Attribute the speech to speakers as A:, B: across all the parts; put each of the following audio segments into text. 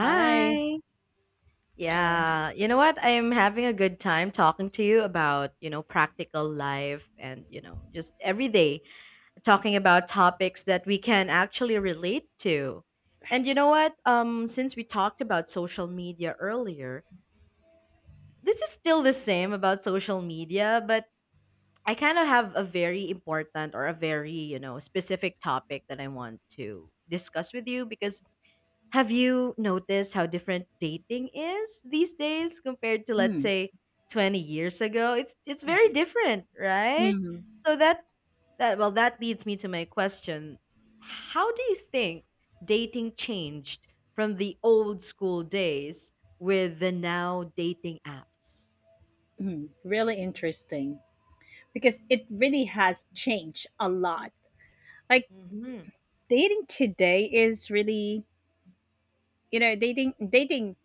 A: Hi. Hi.
B: Yeah, you know what? I'm having a good time talking to you about, you know, practical life and, you know, just every day talking about topics that we can actually relate to. And you know what? Since we talked about social media earlier, this is still the same about social media, but I kind of have a very important or a very, you know, specific topic that I want to discuss with you because have you noticed how different dating is these days compared to let's
A: Hmm.
B: say 20 years ago? It's very
A: Right.
B: different, right?
A: Hmm.
B: So that leads me to my question. How do you think dating changed from the old school days with the now dating apps?
A: Hmm. Really interesting because it really has changed a lot. Like
B: Mhm.
A: dating today is really, dating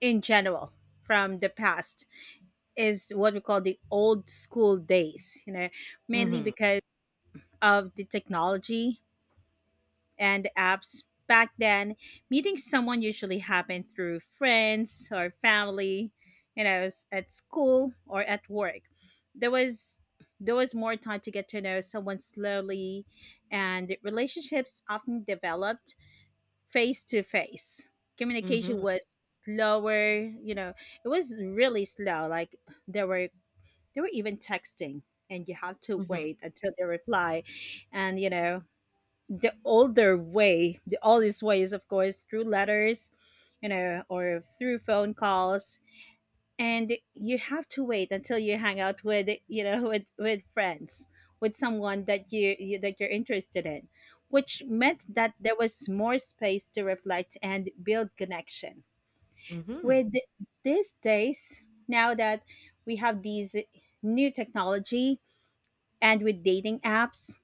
A: in general from the past is what we call the old school days, mainly
B: Mhm.
A: because of the technology and apps. Back then, meeting someone usually happened through friends or family, at school or at work. There was there was more time to get to know someone slowly, and relationships often developed face to face. Communication
B: Mhm.
A: was slower, it was really slow. Like there were there were even texting, and you had to
B: Mhm.
A: wait until they reply, and the older way, the oldest way is, of course, through letters, or through phone calls. And you have to wait until you hang out with, with friends, with someone that you're interested in, which meant that there was more space to reflect and build connection.
B: Mhm.
A: With these days, now that we have these new technology and with dating apps,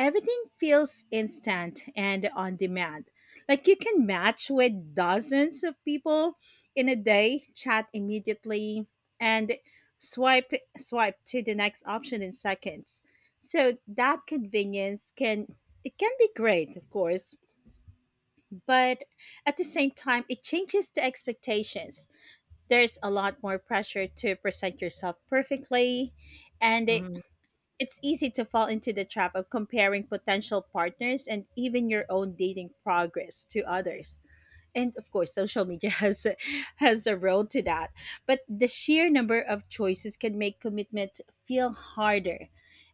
A: everything feels instant and on demand. Like you can match with dozens of people in a day, chat immediately, and swipe swipe to the next option in seconds. So that convenience can be great, of course, but at the same time it changes the expectations. There's a lot more pressure to present yourself perfectly, and
B: Mhm.
A: it's easy to fall into the trap of comparing potential partners and even your own dating progress to others. And of course, social media has a role to that. But the sheer number of choices can make commitment feel harder.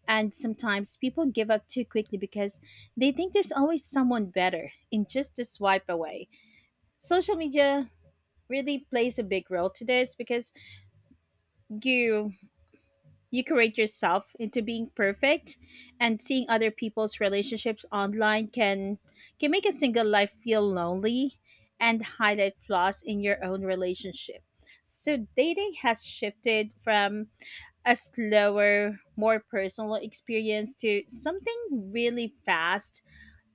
A: And sometimes people give up too quickly because they think there's always someone better in just a swipe away. Social media really plays a big role to this because you you create yourself into being perfect, and seeing other people's relationships online can make a single life feel lonely and highlight flaws in your own relationship. So dating has shifted from a slower, more personal experience to something really fast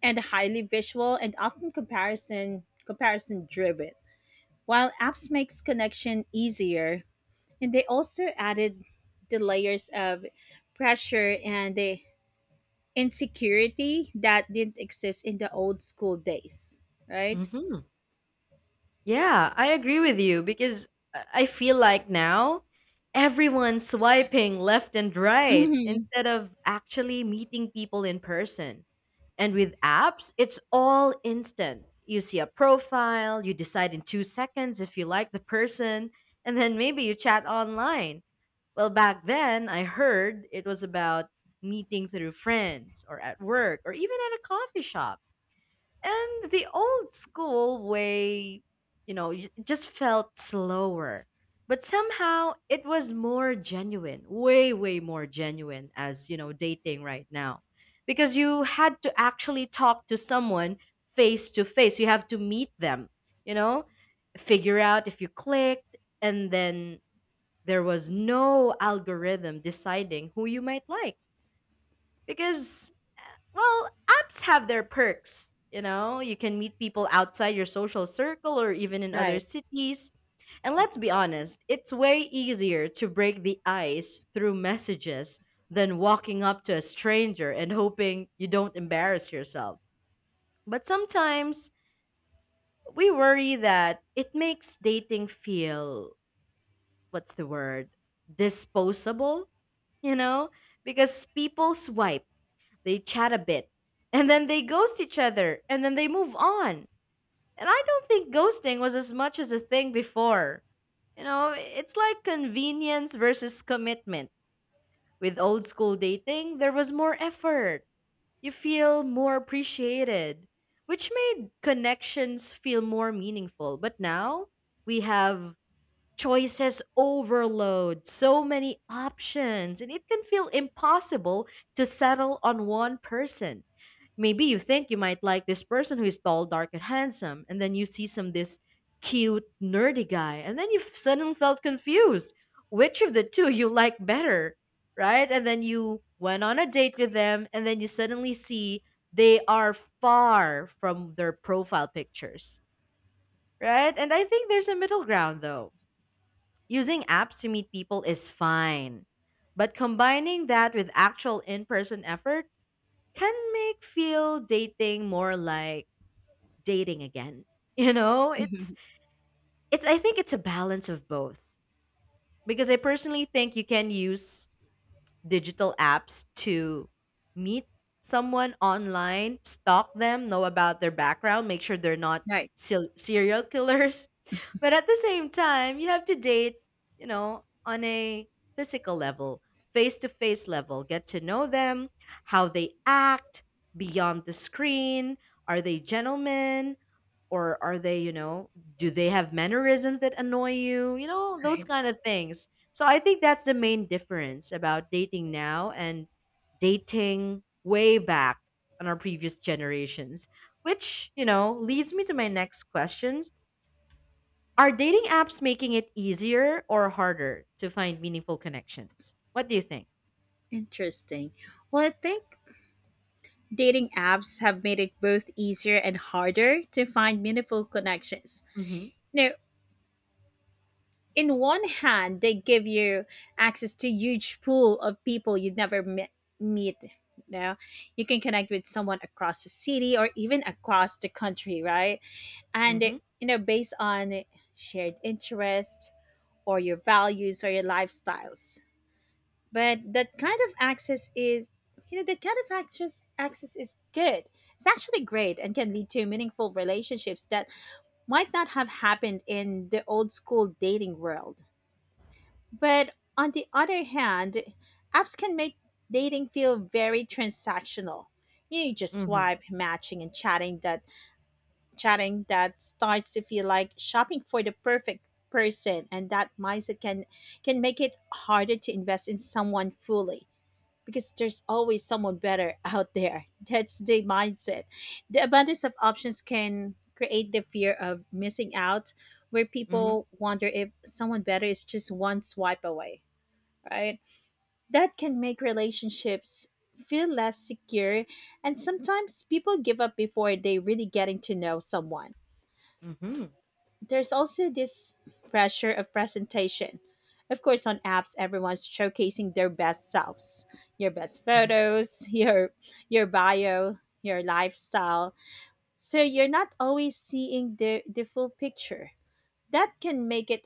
A: and highly visual and often comparison driven. While apps makes connection easier, and they also added the layers of pressure and the insecurity that didn't exist in the old school days, right?
B: Mhm. Yeah, I agree with you because I feel like now everyone's swiping left and right
A: Hmm.
B: instead of actually meeting people in person. And with apps, it's all instant. You see a profile, you decide in 2 seconds if you like the person, and then maybe you chat online. Well, back then, I heard it was about meeting through friends or at work or even at a coffee shop. And the old school way, you know, just felt slower. But somehow it was more genuine, way, way more genuine as, you know, dating right now. Because you had to actually talk to someone face to face. You have to meet them, you know, figure out if you clicked. And then there was no algorithm deciding who you might like. Because well, apps have their perks. You know, you can meet people outside your social circle or even in other
A: Right.
B: cities. And let's be honest, it's way easier to break the ice through messages than walking up to a stranger and hoping you don't embarrass yourself. But sometimes we worry that it makes dating feel, what's the word, disposable, you know? Because people swipe they chat a bit, and then they ghost each other, and then they move on. And I don't think ghosting was as much as a thing before. You know, it's like convenience versus commitment. With old school dating, there was more effort. You feel more appreciated, which made connections feel more meaningful. But now we have choices overload, so many options, and it can feel impossible to settle on one person. Maybe you think you might like this person who is tall, dark, and handsome, and then you see some this cute, nerdy guy, and then suddenly felt confused. Which of the two you like better, right? And then you went on a date with them, and then you suddenly see they are far from their profile pictures, right? And I think there's a middle ground though. Using apps to meet people is fine, but combining that with actual in person effort can make feel dating more like dating again. You know,
A: Hmm.
B: it's I think it's a balance of both because I personally think you can use digital apps to meet someone online, stalk them, know about their background, make sure they're not
A: Right.
B: serial killers, but at the same time, you have to date, you know, on a physical level, face to face level, get to know them, how they act beyond the screen. Are they gentlemen? Or are they, you know, do they have mannerisms that annoy you? You know, those
A: Right.
B: kind of things. So I think that's the main difference about dating now and dating way back on our previous generations, which, you know, leads me to my next questions. Are dating apps making it easier or harder to find meaningful connections? What do you think?
A: Interesting. Well, I think dating apps have made it both easier and harder to find meaningful connections.
B: Mhm.
A: No, in one hand they give you access to huge pool of people you'd never meet. You know, you can connect with someone across the city or even across the country, right? And
B: Mhm.
A: you know based on shared interests or your values or your lifestyles, but that kind of access is, you know, that kind of access is good. It's actually great and can lead to meaningful relationships that might not have happened in the old school dating world. But on the other hand, apps can make dating feel very transactional. You just
B: Mhm.
A: swipe, matching and chatting that starts to feel like shopping for the perfect person, and that mindset can make it harder to invest in someone fully because there's always someone better out there. That's the mindset. The abundance of options can create the fear of missing out, where
B: Mhm.
A: people wonder if someone better is just one swipe away, right? That can make relationships feel less secure, and sometimes people give up before they really getting to know someone.
B: Mhm.
A: There's also this pressure of presentation. Of course, on apps, everyone's showcasing their best selves, your best
B: Mhm.
A: photos, your bio, your lifestyle. So you're not always seeing the full picture. That can make it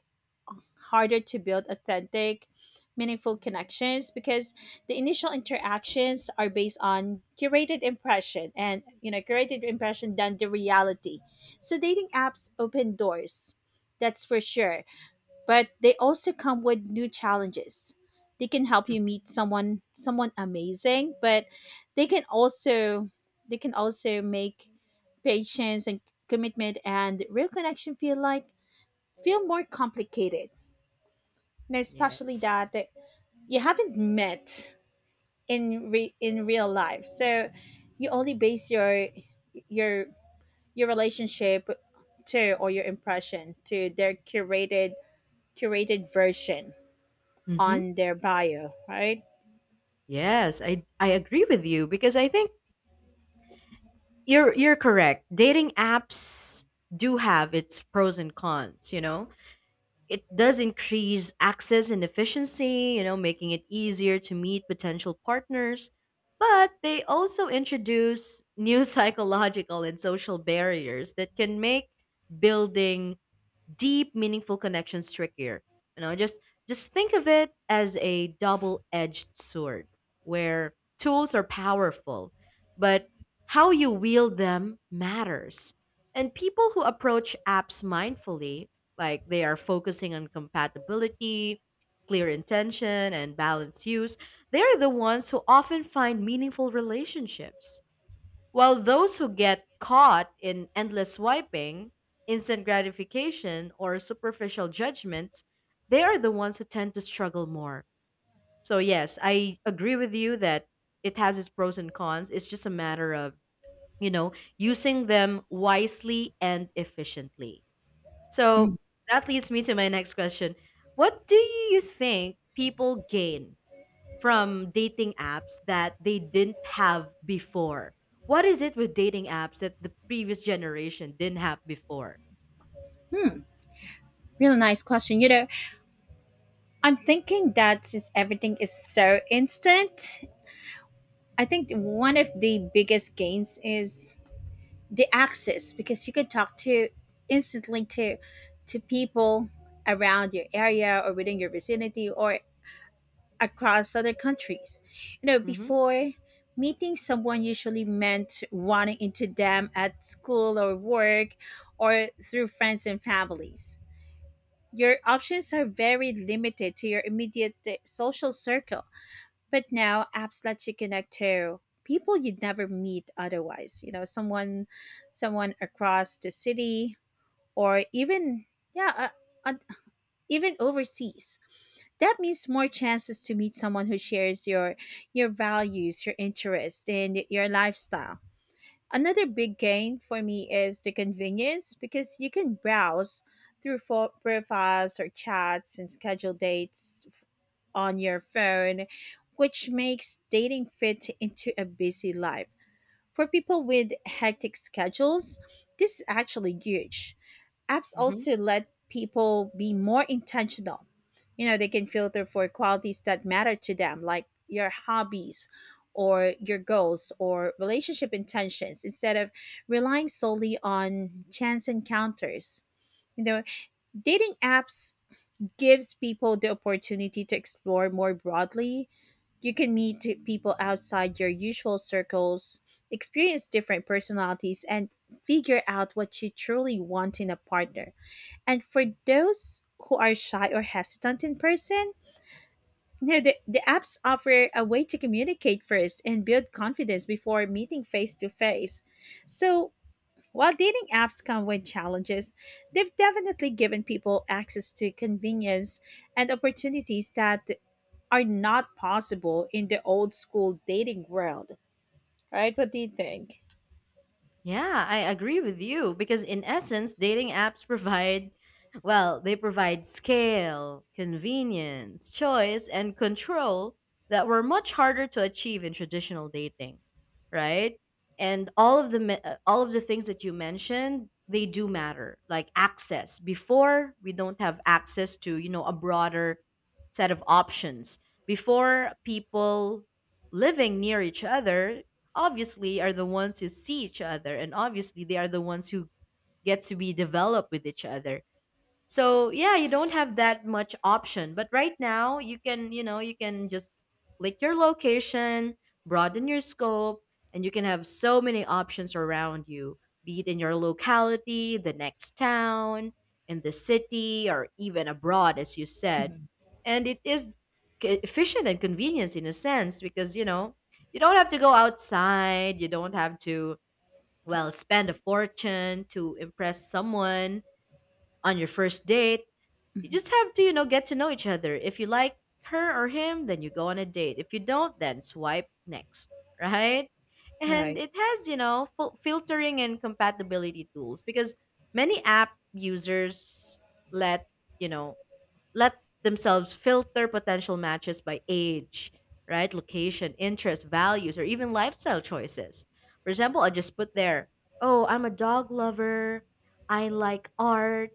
A: harder to build authentic, meaningful connections because the initial interactions are based on curated impression and you know curated impression than the reality. So dating apps open doors, that's for sure, but they also come with new challenges. They can help you
B: Mhm.
A: meet someone amazing, but they can also they can also make patience and commitment and real connection feel more complicated, and especially
B: Yes.
A: that you haven't met in real life, so you only base your your relationship to or your impression to their curated version
B: Hmm.
A: on their bio, right?
B: Yes, I agree with you because I think you're correct. Dating apps do have its pros and cons, you know. It does increase access and efficiency, you know, making it easier to meet potential partners. But they also introduce new psychological and social barriers that can make building deep, meaningful connections trickier. You know, just think of it as a double-edged sword where tools are powerful, but how you wield them matters. And people who approach apps mindfully, like they are focusing on compatibility, clear intention, and balanced use, they are the ones who often find meaningful relationships. While those who get caught in endless swiping, instant gratification, or superficial judgments, they are the ones who tend to struggle more. So, yes, I agree with you that it has its pros and cons. It's just a matter of, you know, using them wisely and efficiently.
A: Mm.
B: So, that leads me to my next question. What do you think people gain from dating apps that they didn't have before. What is it with dating apps that the previous generation didn't have before?
A: Hmm. Real nice question. I'm thinking that since everything is so instant, I think one of the biggest gains is the access because you can talk to instantly to people around your area or within your vicinity or across other countries. You know,
B: Mm-hmm.
A: before meeting someone usually meant running into them at school or work or through friends and families. Your options are very limited to your immediate social circle, but now apps let you connect to people you'd never meet otherwise. You know, someone across the city, or even yeah, uh, uh, even overseas. That means more chances to meet someone who shares your values, your interests, and your lifestyle. Another big gain for me is the convenience because you can browse through profiles or chats and schedule dates on your phone, which makes dating fit into a busy life. For people with hectic schedules, this is actually huge. Apps also let people be more intentional. You know, they can filter for qualities that matter to them, like your hobbies or your goals or relationship intentions, instead of relying solely on chance encounters. You know, dating apps gives people the opportunity to explore more broadly. You can meet people outside your usual circles, experience different personalities, and figure out what you truly want in a partner. And for those who are shy or hesitant in person, the apps offer a way to communicate first and build confidence before meeting face to face. So, while dating apps come with challenges, they've definitely given people access to convenience and opportunities that are not possible in the old school dating world, right? What do you think?
B: Yeah, I agree with you because in essence, dating apps provide, well, they provide scale, convenience, choice, and control that were much harder to achieve in traditional dating, right? And all of all of the things that you mentioned, they do matter, like access. Before, we don't have access to, you know, a broader set of options. Before, people living near each other obviously are the ones who see each other and obviously they are the ones who get to be developed with each other so yeah, you don't have that much option. But right now, you can, you know, you can just click your location, broaden your scope, and you can have so many options around you, be it in your locality, the next town, in the city, or even abroad, as you said.
A: Mhm.
B: And it is efficient and convenience in a sense because, you know, you don't have to go outside, you don't have to, well, spend a fortune to impress someone on your first date. You
A: Mhm.
B: just have to, you know, get to know each other. If you like her or him, then you go on a date. If you don't, then swipe next, right? And
A: Right.
B: it has, you know, filtering and compatibility tools because many app users let, you know, let themselves filter potential matches by age, right? Location, interest, values, or even lifestyle choices. For example, I just put there, oh, I'm a dog lover. I like art.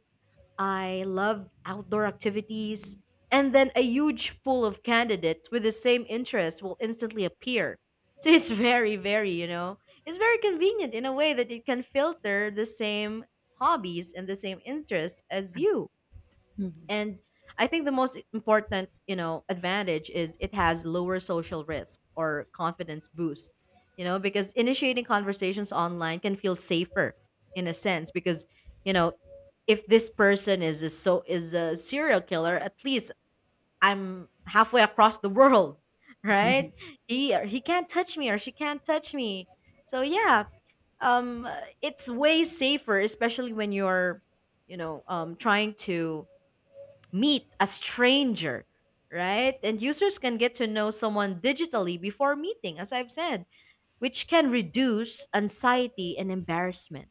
B: I love outdoor activities, and then a huge pool of candidates with the same interests will instantly appear. So it's very, very, you know, it's very convenient in a way that it can filter the same hobbies and the same interests as you.
A: Mhm.
B: And I think the most important, you know, advantage is it has lower social risk or confidence boost, you know, because initiating conversations online can feel safer in a sense because, you know, if this person is a so is a serial killer, at least I'm halfway across the world, right?
A: Mhm.
B: He or he can't touch me or she can't touch me. So yeah, um it's way safer especially when you're, you know, trying to meet a stranger, right? And users can get to know someone digitally before meeting, as I've said, which can reduce anxiety and embarrassment.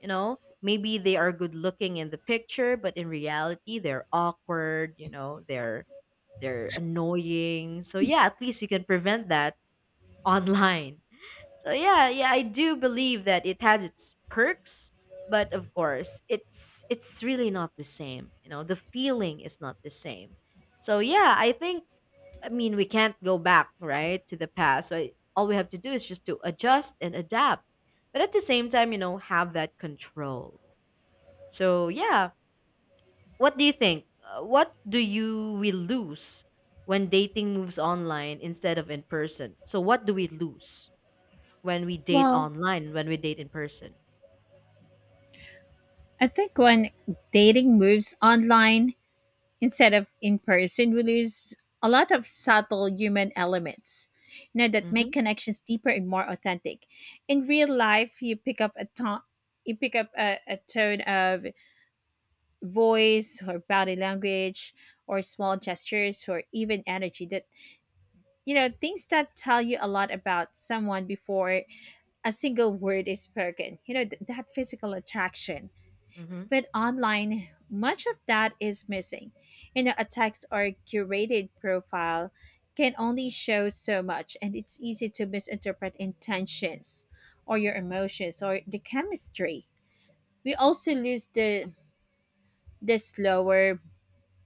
B: You know, maybe they are good looking in the picture, but in reality, they're awkward, you know, they're annoying. So yeah, at least you can prevent that online. So yeah, yeah, I do believe that it has its perks, but of course, it's really not the same. You know, the feeling is not the same. So yeah, I think I mean we can't go back right to the past. So I, all we have to do is just to adjust and adapt, but at the same time, you know, have that control. So yeah, what do you think? What do you we lose when dating moves online instead of in person? So what do we lose when we date
A: Well,
B: online, when we date in person?
A: I think when dating moves online instead of in person, we lose a lot of subtle human elements, that make
B: Mhm.
A: connections deeper and more authentic. In real life, you pick up a tone. You pick up a tone of voice or body language or small gestures or even energy things that tell you a lot about someone before a single word is spoken. That physical attraction.
B: Mhm.
A: But online, much of that is missing. You know, a text or curated profile can only show so much, and it's easy to misinterpret intentions or your emotions or the chemistry. We also lose the slower,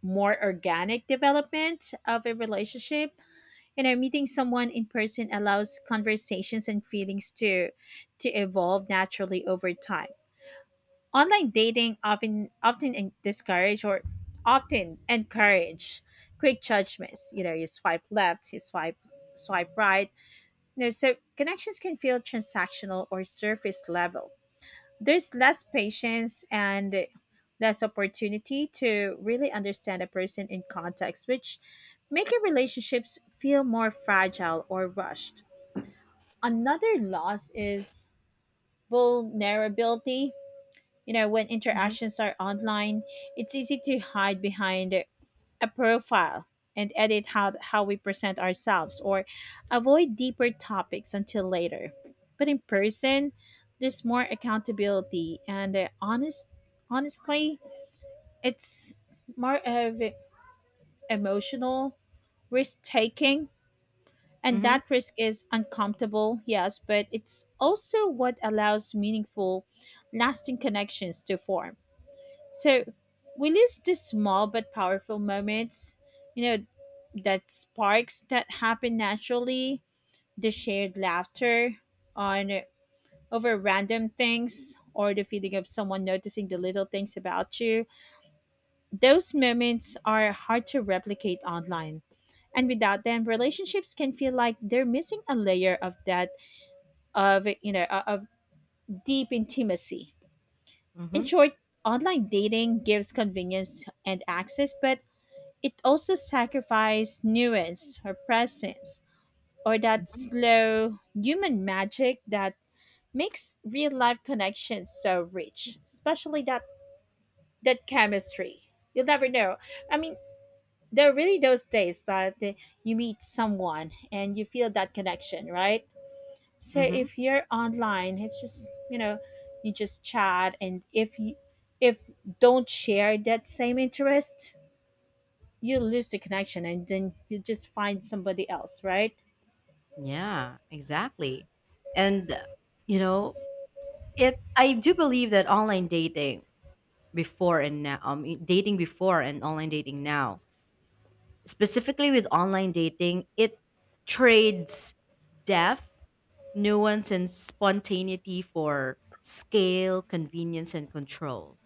A: more organic development of a relationship. You know, meeting someone in person allows conversations and feelings to evolve naturally over time. Online dating often often en- discourage or often encourage quick judgments. You know, you swipe left, you swipe right, you know, so connections can feel transactional or surface level. There's less patience and less opportunity to really understand a person in context, which make your relationships feel more fragile or rushed. Another loss is vulnerability. You know, when
B: Mhm.
A: interactions are online, it's easy to hide behind a profile and edit how we present ourselves or avoid deeper topics until later. But in person, there's more accountability and honestly, it's more of emotional risk taking, and
B: Mhm.
A: that risk is uncomfortable, yes, but it's also what allows meaningful lasting connections to form. So we lose these small but powerful moments, you know, that sparks that happen naturally, the shared laughter on over random things or the feeling of someone noticing the little things about you. Those moments are hard to replicate online. And without them, relationships can feel like they're missing a layer of that of you know o- of deep intimacy. In
B: Mhm.
A: short, online dating gives convenience and access, but it also sacrificed nuance or presence or that
B: Mhm.
A: slow human magic that makes real life connections so rich, especially that chemistry. You'll never know. I mean, there are really those days that you meet someone and you feel that connection, right? So
B: Mhm.
A: if you're online, it's just, you know, you just chat, and if you if don't share that same interest, you lose the connection and then you just find somebody else, right?
B: Yeah, exactly. And you know, it I do believe that online dating before and now, dating before and online dating now specifically with online dating, it trades depth, nuance, and spontaneity for scale, convenience, and control.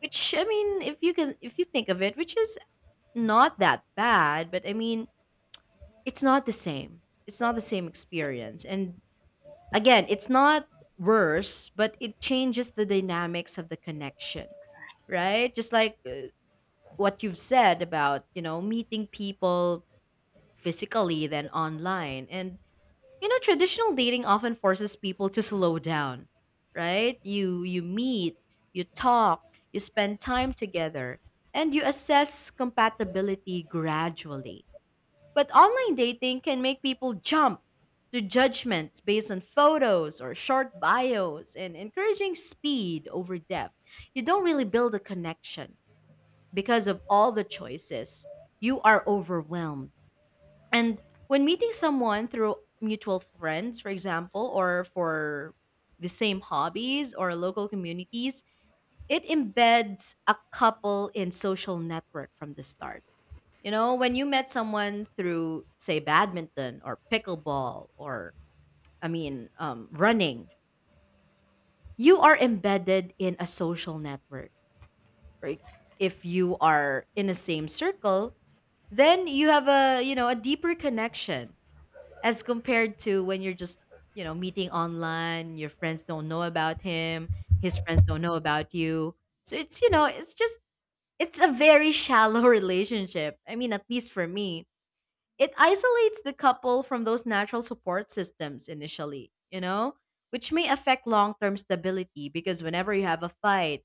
B: Which I mean, if you can, if you think of it, which is not that bad, but I mean, it's not the same. It's not the same experience. And again, it's not worse, but it changes the dynamics of the connection, right? Just like what you've said about you know meeting people physically than online. And you know, traditional dating often forces people to slow down, right? You meet, you talk, you spend time together, and you assess compatibility gradually. But online dating can make people jump to judgments based on photos or short bios and encouraging speed over depth. You don't really build a connection because of all the choices. You are overwhelmed and when meeting someone through mutual friends, for example, or for the same hobbies or local communities, it embeds a couple in social network from the start. You know, when you met someone through, say, badminton or pickleball or running, you are embedded in a social network, right? If you are in the same circle, then you have a you know a deeper connection as compared to when you're just meeting online. Your friends don't know about him, his friends don't know about you, so it's you know it's just it's a very shallow relationship. I mean, at least for me, it isolates the couple from those natural support systems initially, you know, which may affect long-term stability, because whenever you have a fight,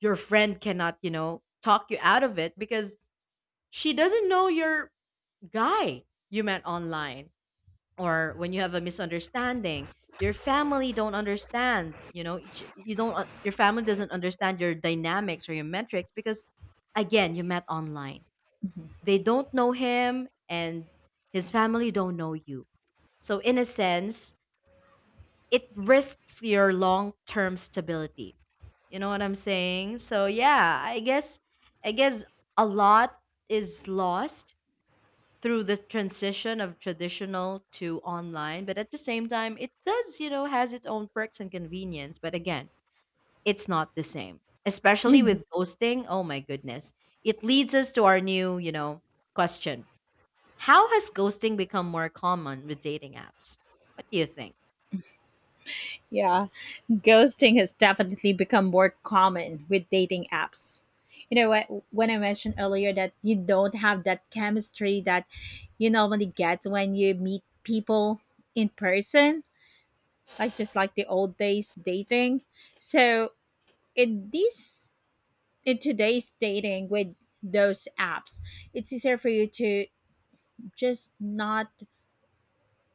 B: your friend cannot, you know, talk you out of it because she doesn't know your guy you met online. Or when you have a misunderstanding, your family don't understand. You don't un- Your family doesn't understand your dynamics or your metrics because, again, you met online.
A: Mhm.
B: They don't know him, and his family don't know you. So in a sense, it risks your long-term stability, you know what I'm saying? So yeah, I guess a lot is lost through the transition of traditional to online, but at the same time, it does, you know, has its own perks and convenience. But again, it's not the same, especially
A: Mhm.
B: with ghosting. Oh my goodness, it leads us to our new, you know, question. How has ghosting become more common with dating apps? What do you think?
A: Yeah. Ghosting has definitely become more common with dating apps. You know what? When I mentioned earlier that you don't have that chemistry that you normally get when you meet people in person, like just like the old days dating. So in these in today's dating with those apps, it's easier for you to just not,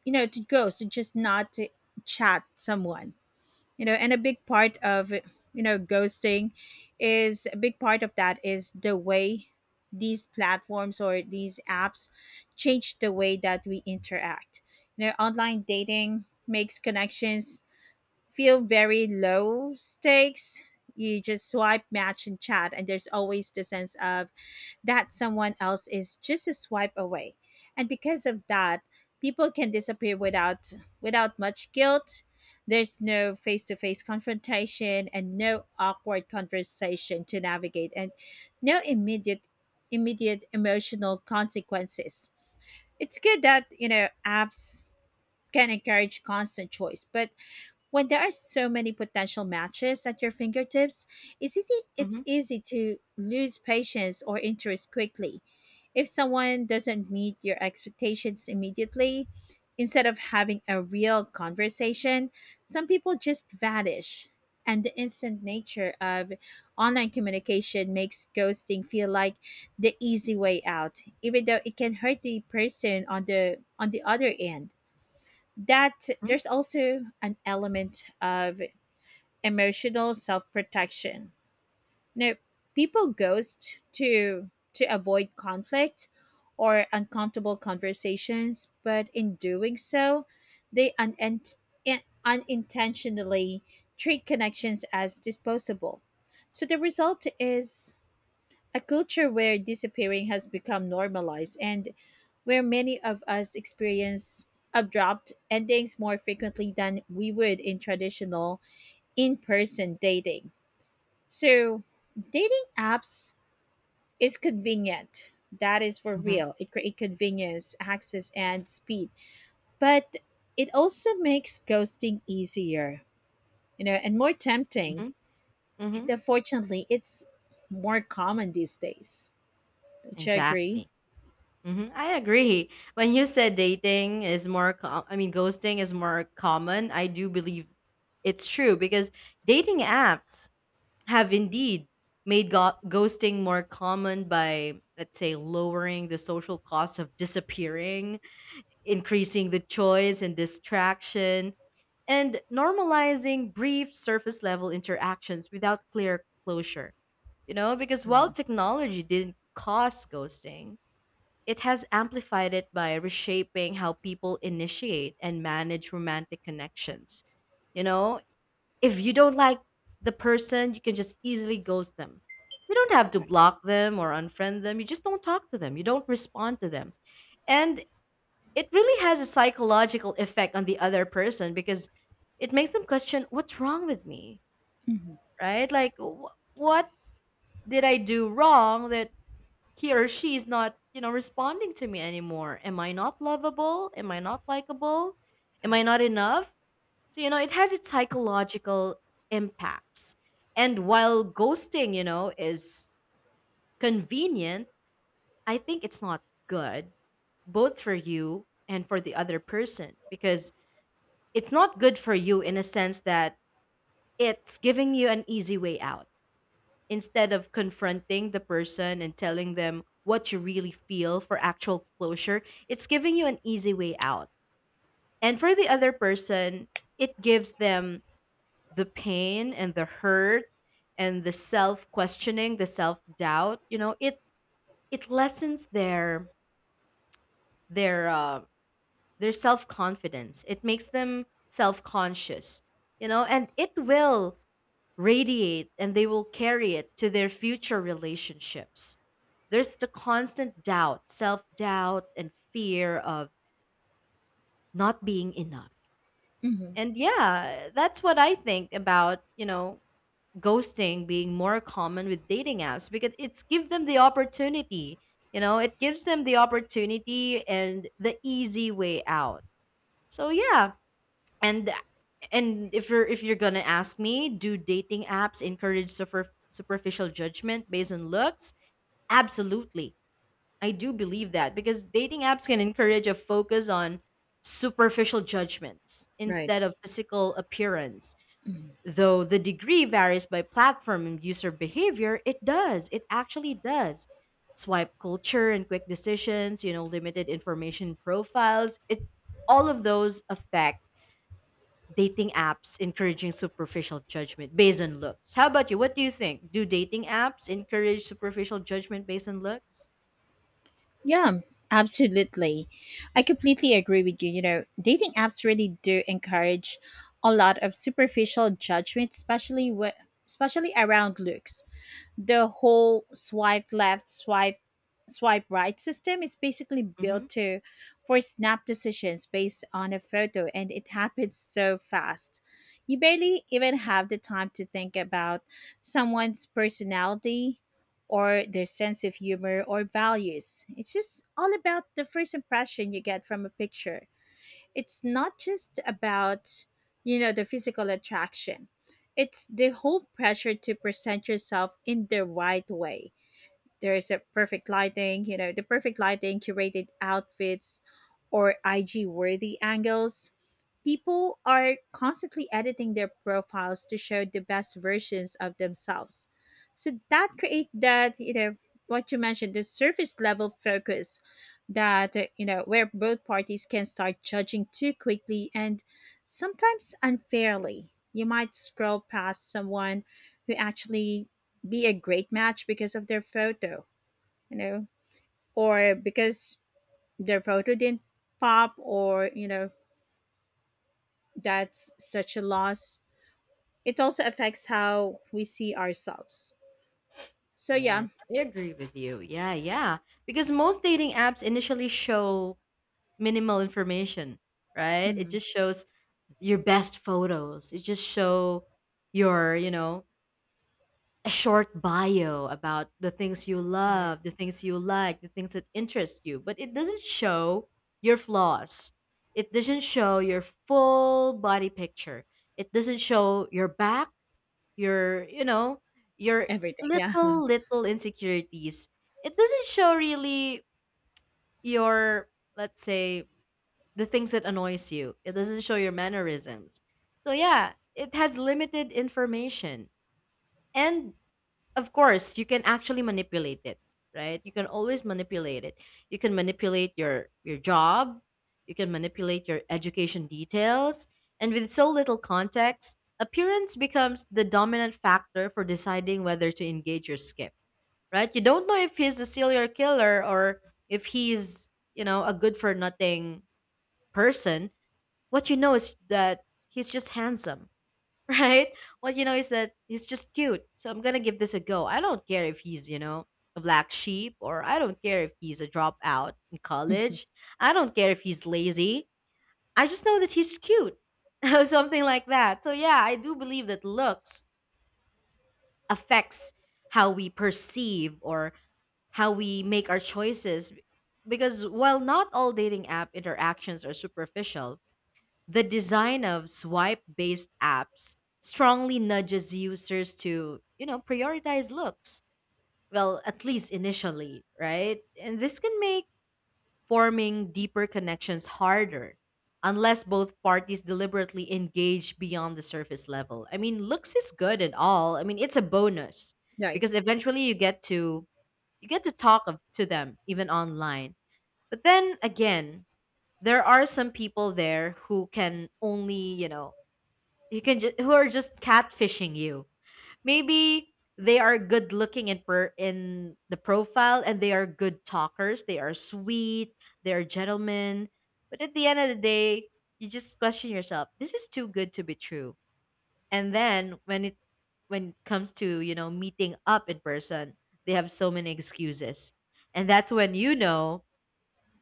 A: you know, to ghost and just not to chat someone. You know, and a big part of, you know, ghosting, is a big part of that is the way these platforms or these apps change the way that we interact. You know, online dating makes connections feel very low stakes. You just swipe, match, and chat, and there's always the sense of that someone else is just a swipe away. And because of that, people can disappear without without much guilt. There's no face-to-face confrontation and no awkward conversation to navigate and no immediate emotional consequences. It's good that, you know, apps can encourage constant choice, but when there are so many potential matches at your fingertips, it's
B: Mm-hmm.
A: easy to lose patience or interest quickly. If someone doesn't meet your expectations immediately, instead of having a real conversation, some people just vanish. And the instant nature of online communication makes ghosting feel like the easy way out, even though it can hurt the person on the other end. That
B: Mm-hmm.
A: there's also an element of emotional self-protection. Now, people ghost to avoid conflict or uncomfortable conversations, but in doing so, they unintentionally treat connections as disposable. So the result is a culture where disappearing has become normalized, and where many of us experience abrupt endings more frequently than we would in traditional in person dating. So, dating apps is convenient. That is for
B: Mm-hmm.
A: real. It creates convenience, access, and speed. But it also makes ghosting easier, you know, and more tempting. And
B: Mm-hmm.
A: unfortunately, it's more common these days. Do you agree?
B: Exactly. Hmm, I agree. When you said dating is more, ghosting is more common, I do believe it's true, because dating apps have indeed made ghosting more common by, let's say, lowering the social cost of disappearing, increasing the choice and distraction, and normalizing brief surface level interactions without clear closure. You know, because while
A: Mhm.
B: technology didn't cause ghosting, it has amplified it by reshaping how people initiate and manage romantic connections. You know, if you don't like the person, you can just easily ghost them. You don't have to
A: Right.
B: block them or unfriend them. You just don't talk to them. You don't respond to them. And it really has a psychological effect on the other person because it makes them question what's wrong with me,
A: Mhm.
B: right? Like, what did I do wrong that he or she is not, you know, responding to me anymore? Am I not lovable? Am I not likable? Am I
A: Right.
B: not enough? So, you know, it has its psychological impacts. And while ghosting, you know, is convenient, I think it's not good, both for you and for the other person, because it's not good for you in a sense that it's giving you an easy way out. Instead of confronting the person and telling them what you really feel for actual closure, it's giving you an easy way out. And for the other person, it gives them the pain and the hurt and the self questioning, the self doubt. You know, it lessens their their uh, their self confidence. It makes them self conscious. You know, and it will radiate, and they will carry it to their future relationships. There's the constant doubt, self doubt, and fear of not being enough.
A: Mhm.
B: And yeah, that's what I think about, you know, ghosting being more common with dating apps, because it's give them the opportunity, you know, it gives them the opportunity and the easy way out. So yeah, and if you're gonna ask me, do dating apps encourage superficial judgment based on looks? Absolutely. I do believe that because dating apps can encourage a focus on superficial judgments
A: Right.
B: instead of physical appearance.
A: Mhm.
B: Though the degree varies by platform and user behavior, it does. It actually does. Swipe culture and quick decisions, you know, limited information profiles, it all of those affect dating apps encouraging superficial judgment based on looks. How about you? What do you think? Do dating apps encourage superficial judgment based on looks?
A: Yeah, absolutely. I completely agree with you. You know, dating apps really do encourage a lot of superficial judgment, especially especially around looks. The whole swipe left, swipe right system is basically built
B: Mhm.
A: to for snap decisions based on a photo, and it happens so fast you barely even have the time to think about someone's personality or their sense of humor or values. It's just all about the first impression you get from a picture. It's not just about, you know, the physical attraction. It's the whole pressure to present yourself in the right way. There is a perfect lighting, you know, the perfect lighting, curated outfits, or IG worthy angles. People are constantly editing their profiles to show the best versions of themselves. So that create that, you know, what you mentioned, the surface level focus that, you know, where both parties can start judging too quickly and sometimes unfairly. You might scroll past someone who actually be a great match because of their photo, you know, or because their photo didn't pop, or, you know, that's such a loss. It also affects how we see ourselves. So, yeah.
B: Yes, I agree with you. Yeah, yeah. Because most dating apps initially show minimal information, right? It
A: Mhm.
B: just shows your best photos. It just show your, you know, a short bio about the things you
A: All right.
B: love, the things you like, the things that interest you, but it doesn't show your flaws. It doesn't show your full body picture. It doesn't show your back, your, you know, your
A: Everything. Yeah.
B: little, little insecurities. It doesn't show really your, let's say, the things that annoys you. It doesn't show your mannerisms. So yeah, it has limited information. And of course you can actually manipulate it, right? You can always manipulate it. You can manipulate your job, you can manipulate your education details. And with so little context, appearance becomes the dominant factor for deciding whether to engage or skip, right? You don't know if he's a serial killer, or if he's, you know, a good for nothing person. What you know is that he's just handsome right? What you know is that he's just cute. So I'm gonna give this a go. I don't care if he's, you know, a black sheep, or I don't care if he's a dropout in college. I don't care if he's lazy. I just know that he's cute. Or something like that. So yeah, I do believe that looks affects how we perceive, or how we make our choices, because while not all dating app interactions are superficial, the design of swipe-based apps strongly nudges users to, you know, prioritize looks. Well, at least initially, right? And this can make forming deeper connections harder unless both parties deliberately engage beyond the surface level. I mean, looks is good and all. I mean, it's a bonus,
A: Right.
B: because eventually you get to talk to them even online. But then again, there are some people there who can only, you know, you can just who are just catfishing you. Maybe they are good looking in the profile, and they are good talkers, they are sweet, they are gentlemen, but at the end of the day, you just question yourself, this is too good to be true. And then when it comes to, you know, meeting up in person, they have so many excuses. And that's when you know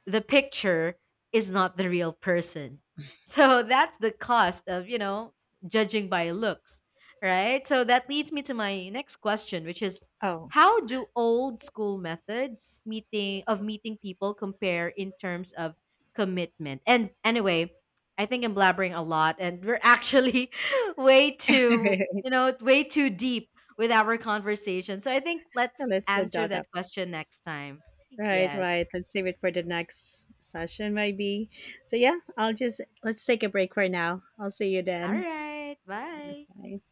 B: the picture is not the real person. So that's the cost of, you know, judging by looks, right? So that leads me to my next question, which is
A: Oh.
B: how do old school methods meeting people compare in terms of commitment? And anyway, I think I'm blabbering a lot, and we're actually way too, you know, way too deep with our conversation. So I think
A: Yeah,
B: let's
A: let's
B: answer
A: dot
B: that
A: up.
B: question next time.
A: Right,
B: Yes.
A: right. Let's save it for the next session, maybe. So yeah, I'll just let's take a break for now. I'll see you
B: All
A: then.
B: right, bye.
A: Bye.